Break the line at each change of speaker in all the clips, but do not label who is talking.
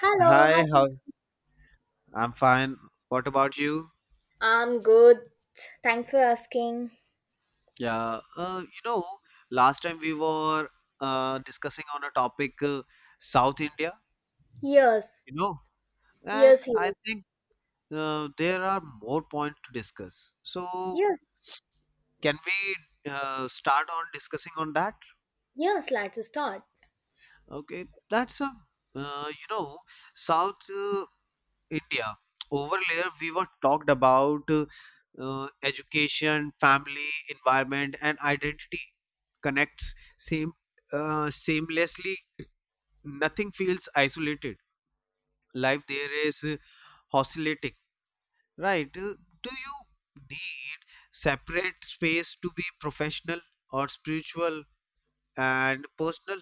Hello,
Hi,
how
how? I'm fine. What about you?
I'm good. Thanks for asking.
Yeah, last time we were discussing on a topic, South India,
Yes,
you know, and
yes,
I
yes,
think there are more points to discuss. So,
yes,
can we start on discussing on that?
yes, let's start.
Okay, that's a, uh, you know, South India. Over layer, we were talked about education, family, environment, and identity connects same seamlessly. Nothing feels isolated. Life there is oscillating, right? Do you need separate space to be professional or spiritual and personal?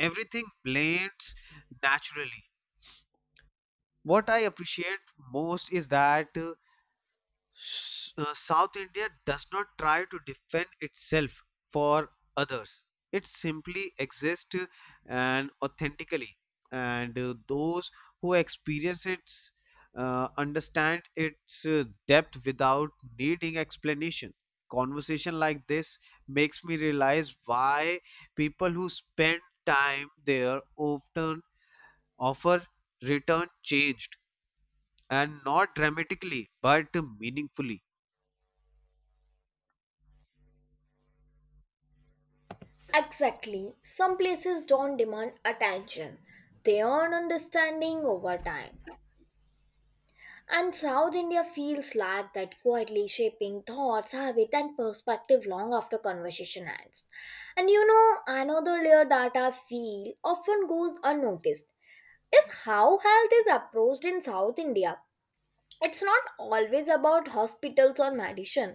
Everything blends naturally. What I appreciate most is that. South India does not try to defend itself for others. It simply exists and authentically, and those who experience it understand its depth without needing explanation. Conversation like this makes me realize why people who spend time there often offer return changed and not dramatically but meaningfully.
Exactly. Some places don't demand attention, they earn understanding over time. And South India feels like that quietly shaping thoughts, habit, and perspective long after conversation ends. And you know, another layer that I feel often goes unnoticed is how health is approached in South India. It's not always about hospitals or medicine,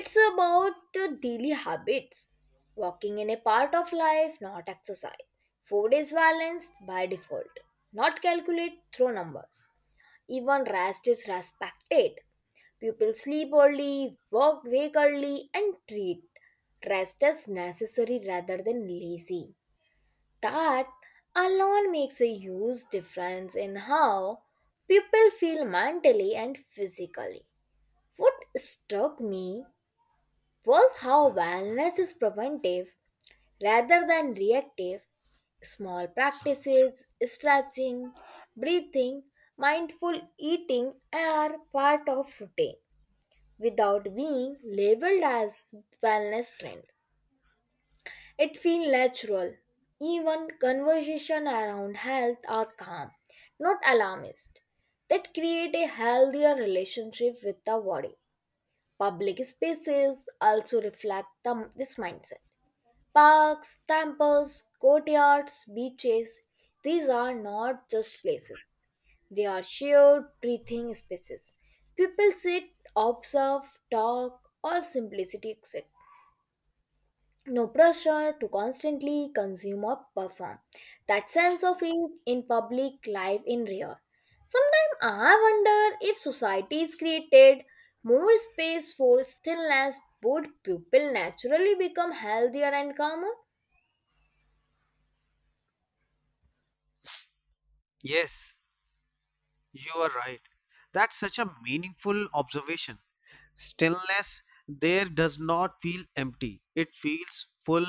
it's about the daily habits. Walking in a part of life, not exercise. Food is balanced by default, not calculate through numbers. Even rest is respected. People sleep early, work, wake early, and treat rest as necessary rather than lazy. That alone makes a huge difference in how people feel mentally and physically. What struck me was how wellness is preventive rather than reactive. Small practices, stretching, breathing, mindful eating are part of routine without being labeled as wellness trend. It feels natural. Even conversation around health are calm, not alarmist. That create a healthier relationship with the body. Public spaces also reflect this mindset. Parks, temples, courtyards, beaches, these are not just places, they are shared breathing spaces. People sit, observe, talk, or simplicity, etc. No pressure to constantly consume or perform. That sense of ease in public life in rare. Sometimes I wonder if societies created more space for stillness, would people naturally become healthier and calmer?
Yes, you are right. That's such a meaningful observation. Stillness there does not feel empty, it feels full.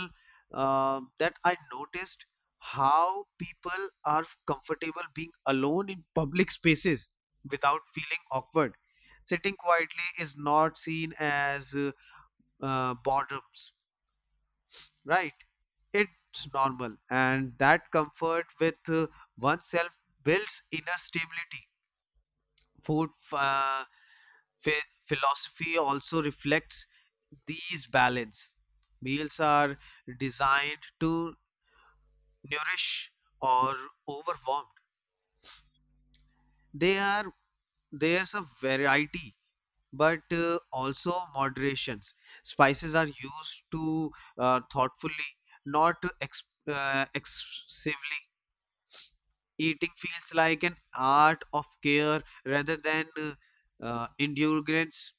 That I noticed how people are comfortable being alone in public spaces without feeling awkward. Sitting quietly is not seen as bottoms, right? It's normal, and that comfort with oneself builds inner stability. Food philosophy also reflects these balance meals are designed to nourish or overwhelm they are there's a variety but also moderations spices are used to thoughtfully not to excessively eating feels like an art of care rather than endurance.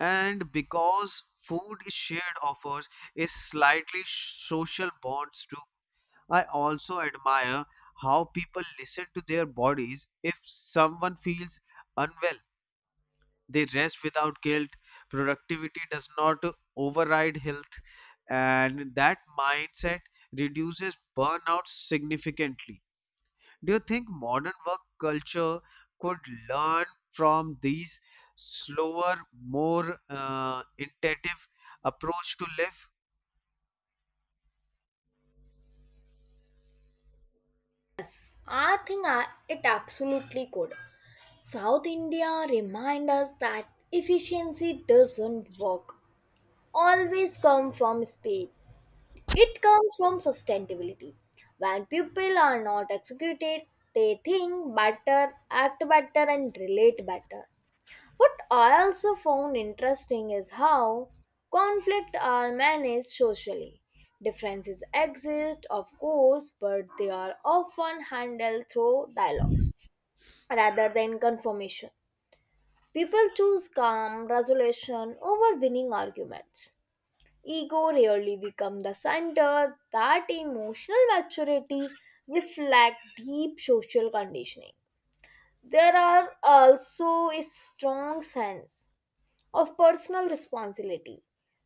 And because food is shared offers is slightly social bonds too. I also admire how people listen to their bodies. If someone feels unwell, they rest without guilt. Productivity does not override health, and that mindset reduces burnout significantly. Do you think modern work culture could learn from these slower, more intensive approach to life?
I think it absolutely could. South India remind us that efficiency doesn't work. Always come from speed. It comes from sustainability. When people are not executed, they think better, act better, and relate better. What I also found interesting is how conflict are managed socially. Differences exist, of course, but they are often handled through dialogues rather than confirmation. People choose calm resolution over winning arguments. Ego rarely become the center. That emotional maturity reflect deep social conditioning. There are also a strong sense of personal responsibility.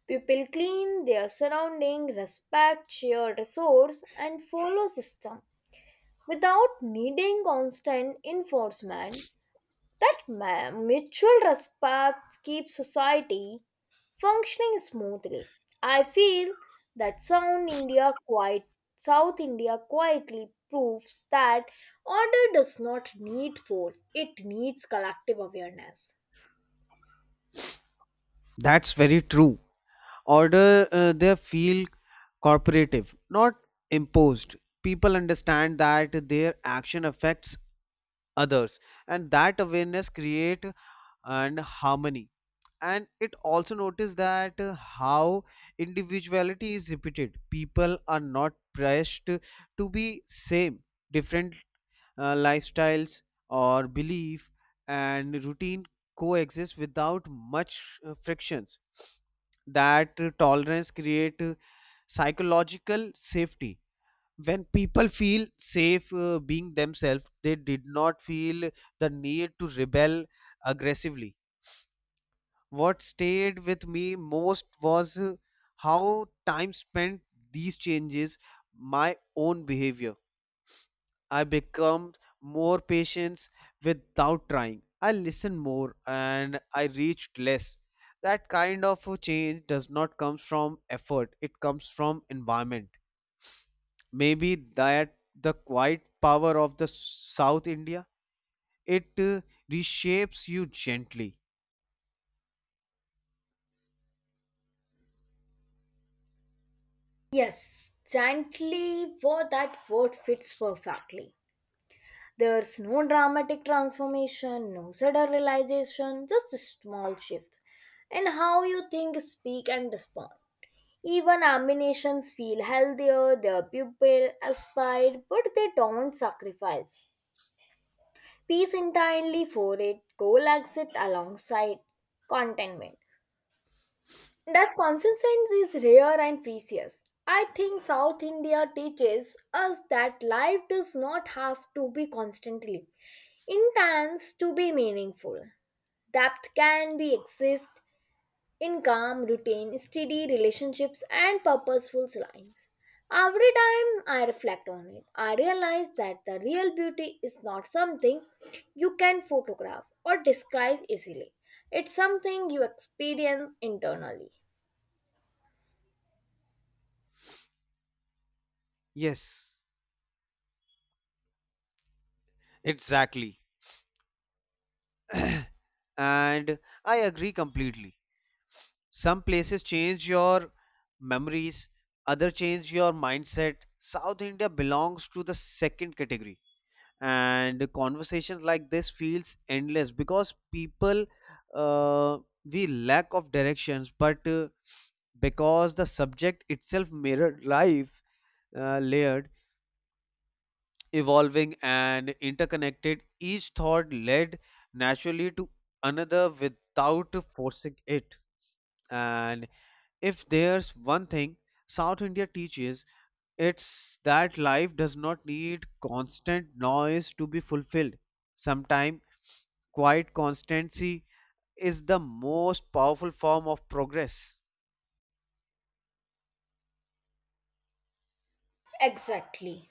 People clean their surrounding, respect shared resource, and follow system without needing constant enforcement. That mutual respect keeps society functioning smoothly. I feel that Sound India quiet South India quietly proves that order does not need force, it needs collective awareness.
That's very true. Order they feel cooperative, not imposed. People understand that their action affects others, and that awareness create and harmony. And it also noticed that how individuality is repeated people are not pressed to be same different lifestyles or belief and routine coexist without much frictions that tolerance create psychological safety when people feel safe being themselves they did not feel the need to rebel aggressively what stayed with me most was how time spent these changes my own behavior. I become more patient without trying. I listen more and I reached less. That kind of a change does not come from effort, it comes from environment. Maybe that the quiet power of the South India, it reshapes you gently.
Yes, gently for that word fits perfectly. There's no dramatic transformation, no sudden realization, just small shifts in how you think, speak, and respond. Even ammunitions feel healthier, their pupil aspire, but they don't sacrifice peace entirely for it. Goal exit alongside contentment. Thus, consistency is rare and precious. I think South India teaches us that life does not have to be constantly intense to be meaningful. Depth can be exist in calm routine, steady relationships, and purposeful lines. Every time I reflect on it, I realize that the real beauty is not something you can photograph or describe easily. It's something you experience internally.
Yes, exactly. And I agree completely. Some places change your memories, other change your mindset. South India belongs to the second category. And conversations like this feels endless because people uh, we lack of directions, but because the subject itself mirrored life, layered, evolving, and interconnected, each thought led naturally to another without forcing it. And if there's one thing South India teaches, it's that life does not need constant noise to be fulfilled. Sometimes quiet constancy is the most powerful form of progress.
Exactly.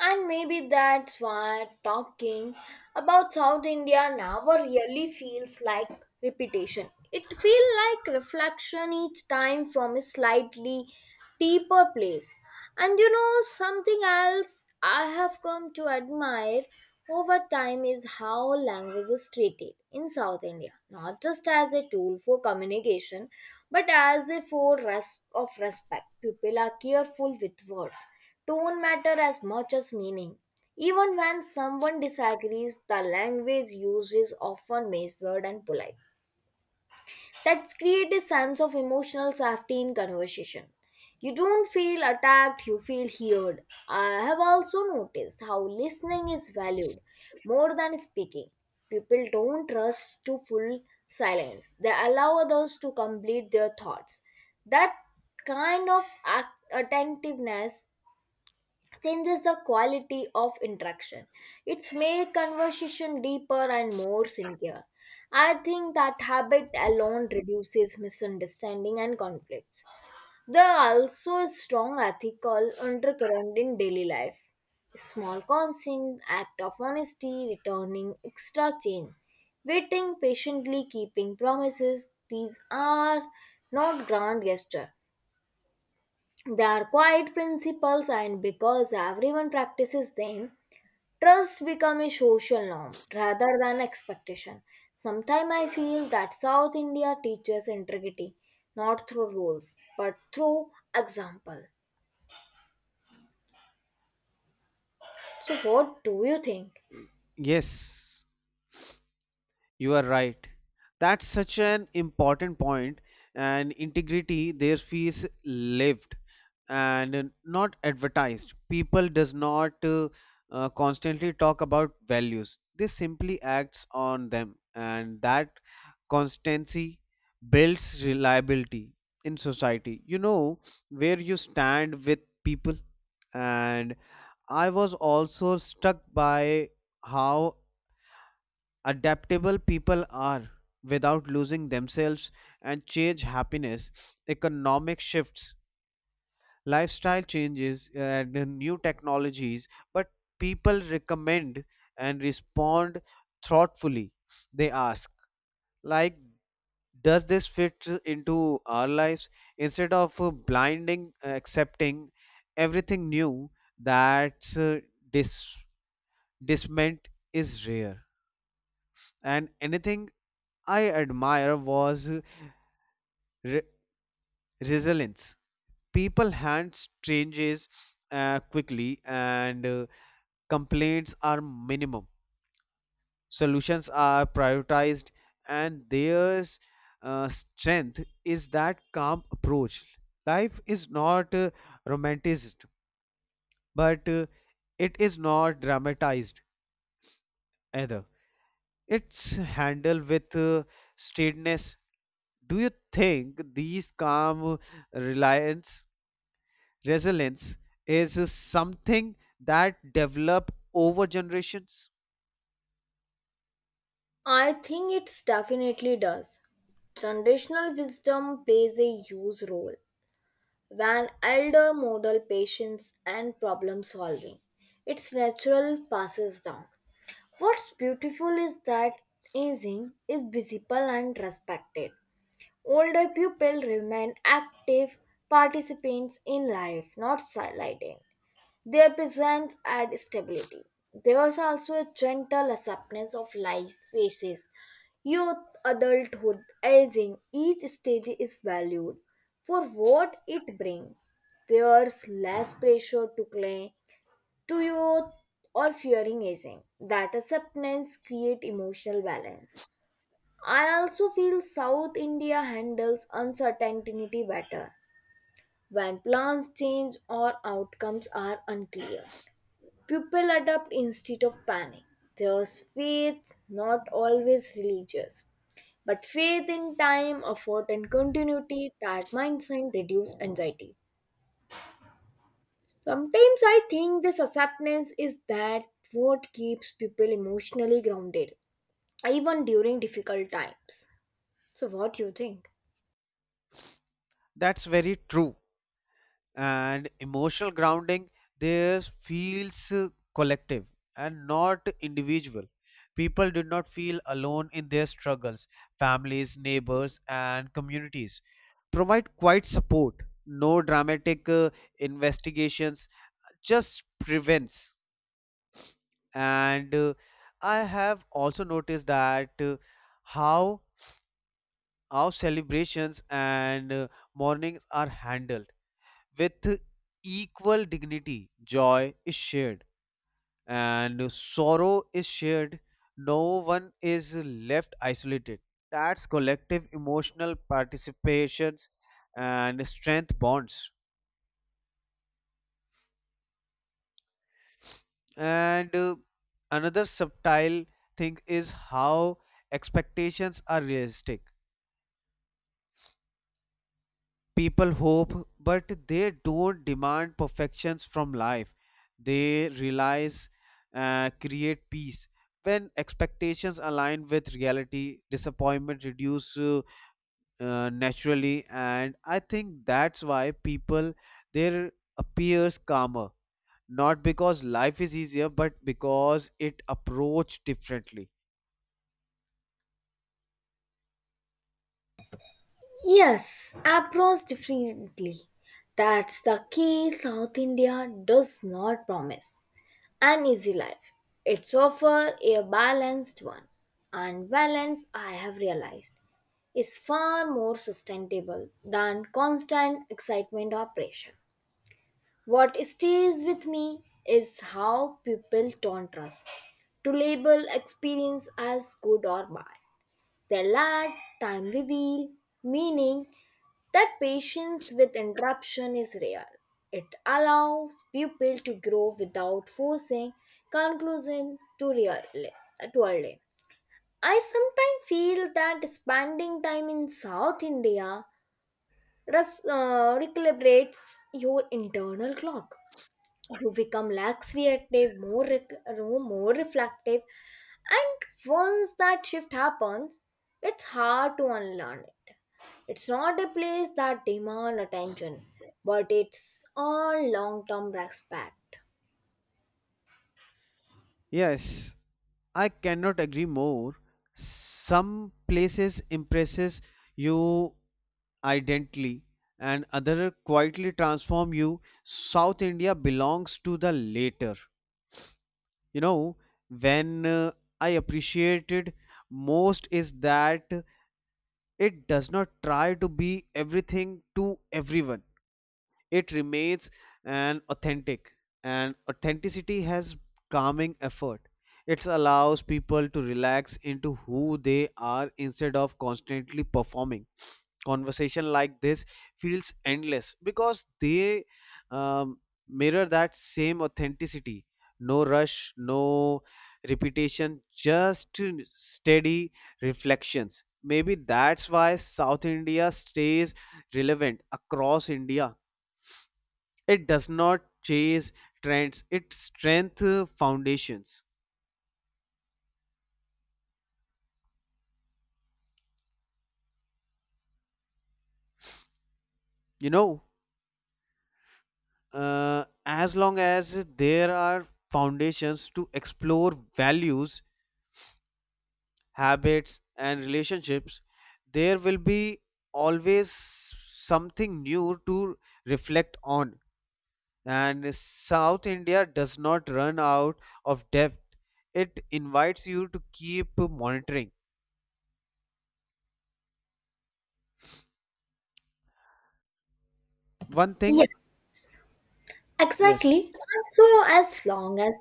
And maybe that's why talking about South India never really feels like repetition. It feels like reflection each time from a slightly deeper place. And you know, something else I have come to admire over time is how language is treated in South India, not just as a tool for communication, but as a of respect. People are careful with words. Tone matter as much as meaning. Even when someone disagrees, the language used is often measured and polite. That creates a sense of emotional safety in conversation. You don't feel attacked, you feel heard. I have also noticed how listening is valued more than speaking. People don't trust to full silence, they allow others to complete their thoughts. That kind of attentiveness changes the quality of interaction. It's make conversation deeper and more sincere. I think that habit alone reduces misunderstanding and conflicts. There are also a strong ethical undercurrent in daily life. Small consent, act of honesty, returning extra change, waiting patiently, keeping promises. These are not grand gesture, they are quiet principles, and because everyone practices them, trust becomes a social norm rather than expectation. Sometimes I feel that South India teaches integrity not through rules but through example. So, what do you think?
Yes, you are right. That's such an important point, and integrity there feels lived. And not advertised people does not constantly talk about values they simply acts on them and that constancy builds reliability in society you know where you stand with people and I was also struck by how adaptable people are without losing themselves and change happiness economic shifts lifestyle changes and new technologies, but people recommend and respond thoughtfully. They ask, like, does this fit into our lives? Instead of blinding accepting everything new that's dis- disment is rare. And anything I admire was re- resilience. People hand changes quickly and complaints are minimum, solutions are prioritized, and their strength is that calm approach. Life is not romanticized, but it is not dramatized either. It's handled with steadiness. Do you think these calm reliance, resilience, is something that develop over generations?
I think it definitely does. Traditional wisdom plays a huge role when elder model patience and problem solving. Its natural passes down. What's beautiful is that aging is visible and respected. Older people remain active participants in life, not sidelined. Their presence adds stability. There was also a gentle acceptance of life phases. Youth, adulthood, aging, each stage is valued for what it brings. There's less pressure to claim to youth or fearing aging. That acceptance create emotional balance. I also feel South India handles uncertainty better when plans change or outcomes are unclear. People adapt instead of panic. There's faith, not always religious, but faith in time, effort, and continuity. That mindset reduce anxiety. Sometimes I think this acceptance is that what keeps people emotionally grounded, even during difficult times. So, what do you think?
That's very true and emotional grounding there feels collective and not individual people did not feel alone in their struggles families neighbors and communities provide quiet support no dramatic investigations just prevents and I have also noticed that how our celebrations and mornings are handled with equal dignity. Joy is shared and sorrow is shared. No one is left isolated. That's collective emotional participations and strength bonds. And another subtle thing is how expectations are realistic. People hope, but they don't demand perfections from life. They realize, create peace. When expectations align with reality, disappointment reduce naturally, and I think that's why people there appears calmer. Not because life is easier, but because it approached differently.
Yes, approach differently. That's the key. South India does not promise an easy life. It's offer a balanced one. And balance, I have realized, is far more sustainable than constant excitement or pressure. What stays with me is how people don't trust to label experience as good or bad. They let time reveal, meaning that patience with interruption is rare. It allows people to grow without forcing conclusion to really to early. I sometimes feel that spending time in South India recalibrates your internal clock who become lax reactive, more, rec- no, more reflective. And once that shift happens, it's hard to unlearn it. It's not a place that demand attention, but it's a long-term respect.
Yes, I cannot agree more. Some places impresses you identically and other quietly transform you. South India belongs to the later. You know, when I appreciated most is that it does not try to be everything to everyone it remains an authentic and authenticity has calming effort it allows people to relax into who they are instead of constantly performing conversation like this feels endless because they um, mirror that same authenticity no rush no repetition just steady reflections maybe that's why South India stays relevant across India it does not chase trends, it strengthens foundations. You know, as long as there are foundations to explore values, habits, and relationships, there will be always something new to reflect on. And South India does not run out of depth, it invites you to keep monitoring. One thing,
Yes,
yes,
exactly. So as long as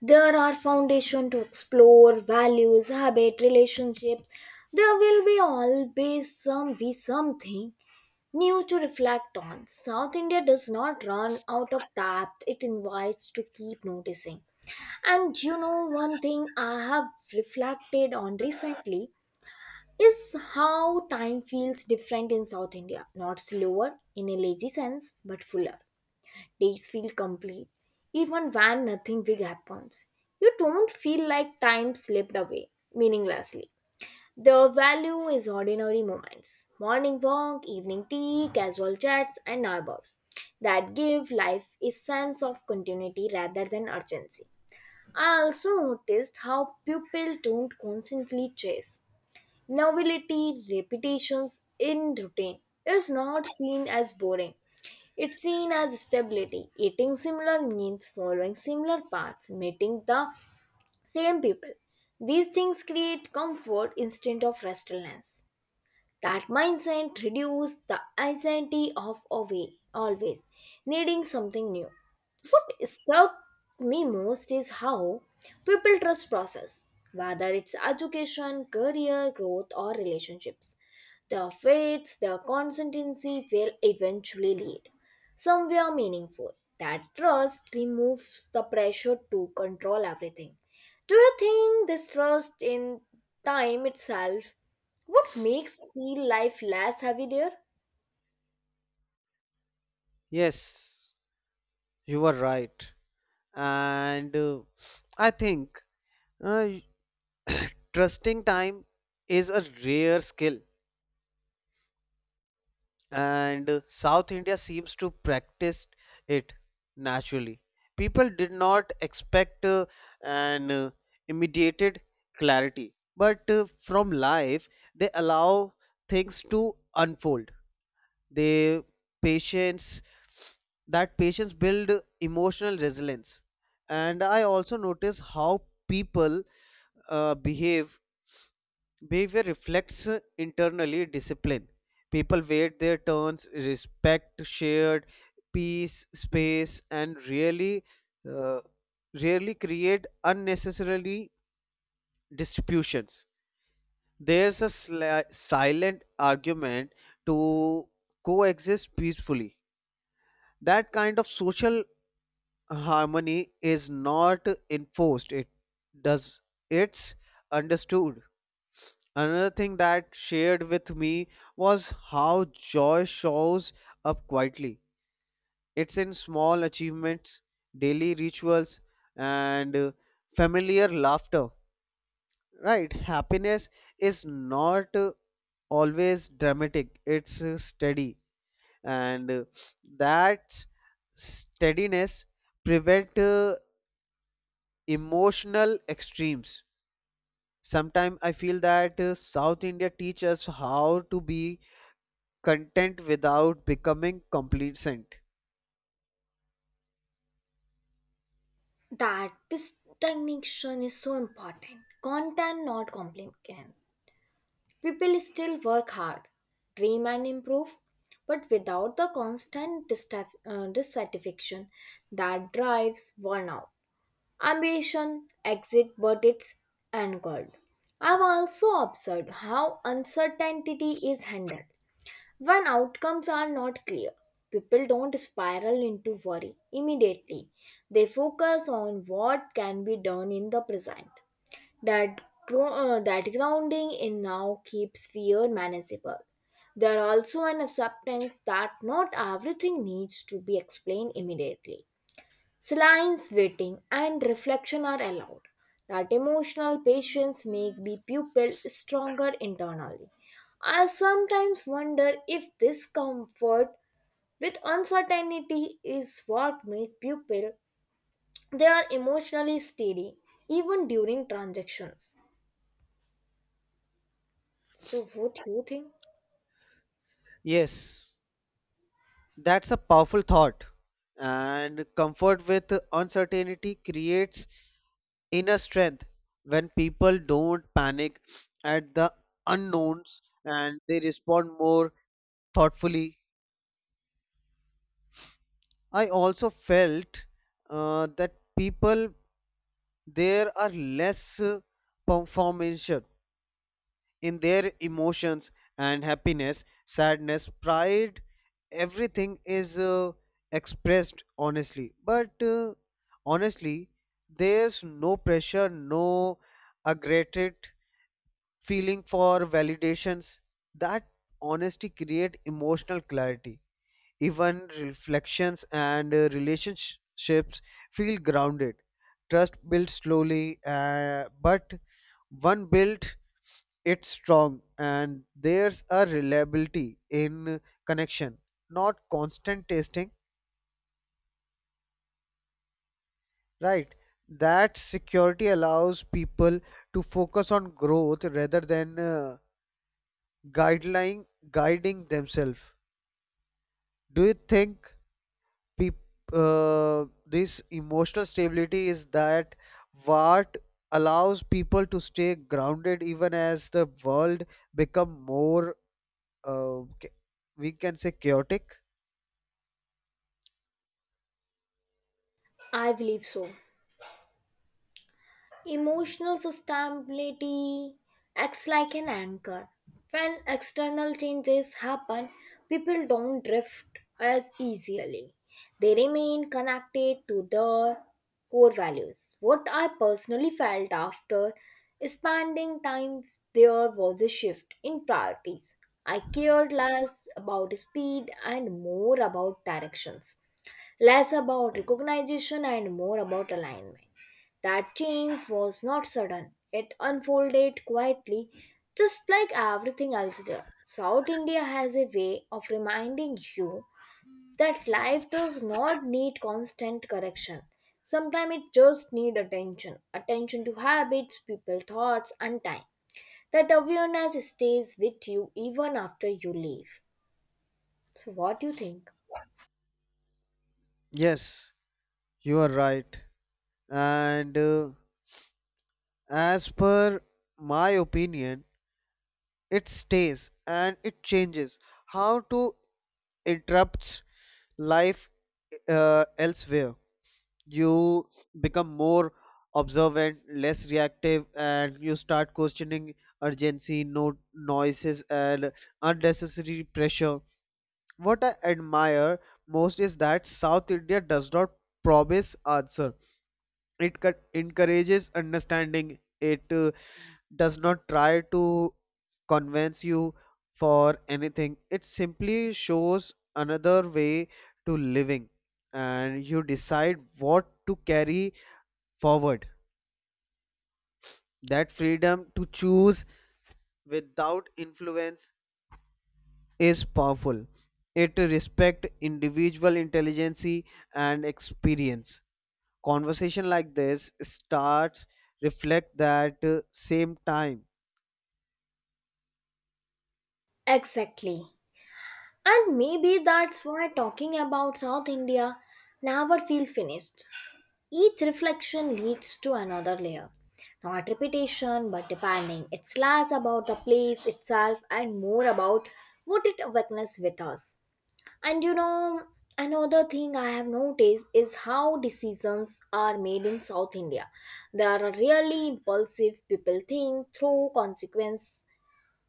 there are foundation to explore values, habit, relationships, there will be always something new to reflect on. South India does not run out of depth, it invites to keep noticing. And you know, one thing I have reflected on recently is how time feels different in South India. Not slower in a lazy sense, but fuller. Days feel complete, even when nothing big happens. You don't feel like time slipped away meaninglessly. The value is ordinary moments, morning walk, evening tea, casual chats, and neighbors that give life a sense of continuity rather than urgency. I also noticed how people don't constantly chase novelty. Repetitions in routine is not seen as boring. It's seen as stability. Eating similar meals, following similar paths, meeting the same people. These things create comfort instead of restlessness. That mindset reduces the anxiety of away, always needing something new. What struck me most is how people trust process, whether it's education, career, growth, or relationships. Their faiths, their consistency will eventually lead somewhere meaningful. That trust removes the pressure to control everything. Do you think this trust in time itself what makes feel life less heavy there?
yes, you are right. And I think uh, trusting time is a rare skill and South India seems to practice it naturally people did not expect an immediate clarity but from life they allow things to unfold they patience that patience build emotional resilience and I also notice how people behave behavior reflects internally discipline people wait their turns respect shared peace space and really uh, rarely create unnecessarily distributions there's a silent argument to coexist peacefully that kind of social harmony is not enforced it does it's understood. Another thing that shared with me was how joy shows up quietly. It's in small achievements, daily rituals, and familiar laughter. Right? Happiness is not always dramatic, it's steady. And that steadiness prevent emotional extremes. Sometimes I feel that South India teaches us how to be content without becoming complacent.
That distinction is so important. Content not complicated. People still work hard, dream and improve, but without the constant dissatisfaction that drives one out. Ambition exits, but it's anchored. I've also observed how uncertainty is handled. When outcomes are not clear, people don't spiral into worry immediately. They focus on what can be done in the present. That, that grounding in now keeps fear manageable. There are also an acceptance that not everything needs to be explained immediately. Silence, waiting, and reflection are allowed. That emotional patience make the pupil stronger internally. I sometimes wonder if this comfort with uncertainty is what makes pupil they are emotionally steady even during transactions. So what do you think?
Yes, that's a powerful thought. And comfort with uncertainty creates inner strength when people don't panic at the unknowns and they respond more thoughtfully. I also felt that people there are less performance in their emotions and happiness, sadness, pride, everything is expressed honestly. But honestly, there's no pressure, no aggravated feeling for validations. That honesty create emotional clarity. Even reflections and relationships feel grounded. Trust builds slowly, but one built it strong, and there's a reliability in connection, not constant testing, right? That security allows people to focus on growth rather than guideline guiding themselves. Do you think peop this emotional stability is that what allows people to stay grounded even as the world become more uh, ca- we can say chaotic?
I believe so. Emotional sustainability acts like an anchor. When external changes happen, people don't drift as easily. They remain connected to their core values. What I personally felt after spending time there was a shift in priorities. I cared less about speed and more about directions, less about recognition and more about alignment. That change was not sudden, it unfolded quietly, just like everything else there. South India has a way of reminding you that life does not need constant correction. Sometimes it just needs attention, attention to habits, people, thoughts, and time. That awareness stays with you even after you leave. So, what do you think?
Yes, you are right. And as per my opinion it stays and it changes how to interrupts life elsewhere you become more observant, less reactive, and you start questioning urgency, no noises, and unnecessary pressure. What I admire most is that South India does not promise answer. It encourages understanding. It does not try to convince you for anything. It simply shows another way to living, and you decide what to carry forward. That freedom to choose without influence is powerful. It respects individual intelligence and experience. Conversation like this starts reflect that same time.
Exactly. And maybe that's why talking about South India never feels finished. Each reflection leads to another layer. Not repetition, but depending. It's less about the place itself and more about what it awakeness with us. And you know, another thing I have noticed is how decisions are made in South India. They are really impulsive. People think through consequence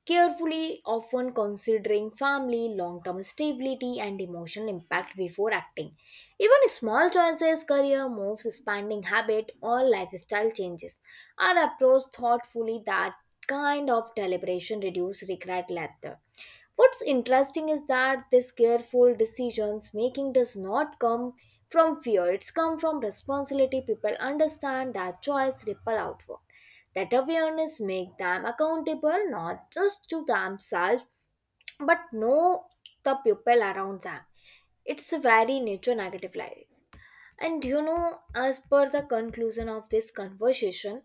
carefully, often considering family, long term stability, and emotional impact before acting. Even small choices, career moves, spending habit, or lifestyle changes are approached thoughtfully. That kind of deliberation reduces regret later. What's interesting is that this careful decisions making does not come from fear, it's come from responsibility. People understand that choice ripple outward. That awareness make them accountable not just to themselves but know the people around them. It's a very nature negative life. And you know, as per the conclusion of this conversation,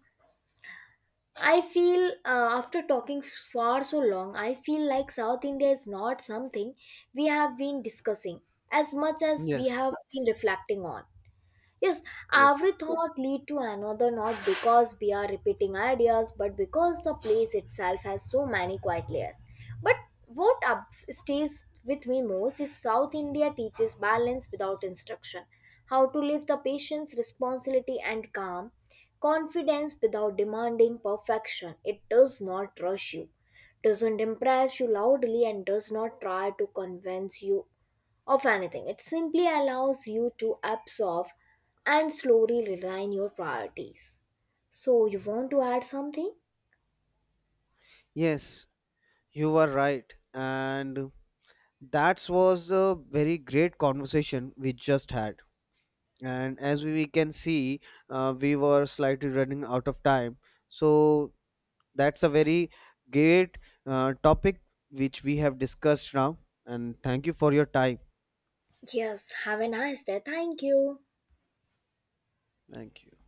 I feel after talking for so long, I feel like South India is not something we have been discussing as much as we
Yes,
have been reflecting on. Yes,
yes,
every thought lead to another not because we are repeating ideas but because the place itself has so many quiet layers. But what up stays with me most is South India teaches balance without instruction. How to live the patience, responsibility and calm, confidence without demanding perfection. It does not rush you, doesn't impress you loudly and does not try to convince you of anything. It simply allows you to absorb and slowly realign your priorities. So, you want to add something?
yes, you are right. And that was a very great conversation we just had. And as we can see, we were slightly running out of time. So that's a very great topic which we have discussed now and thank you for your time.
Yes, have a nice day. Thank you.
Thank you.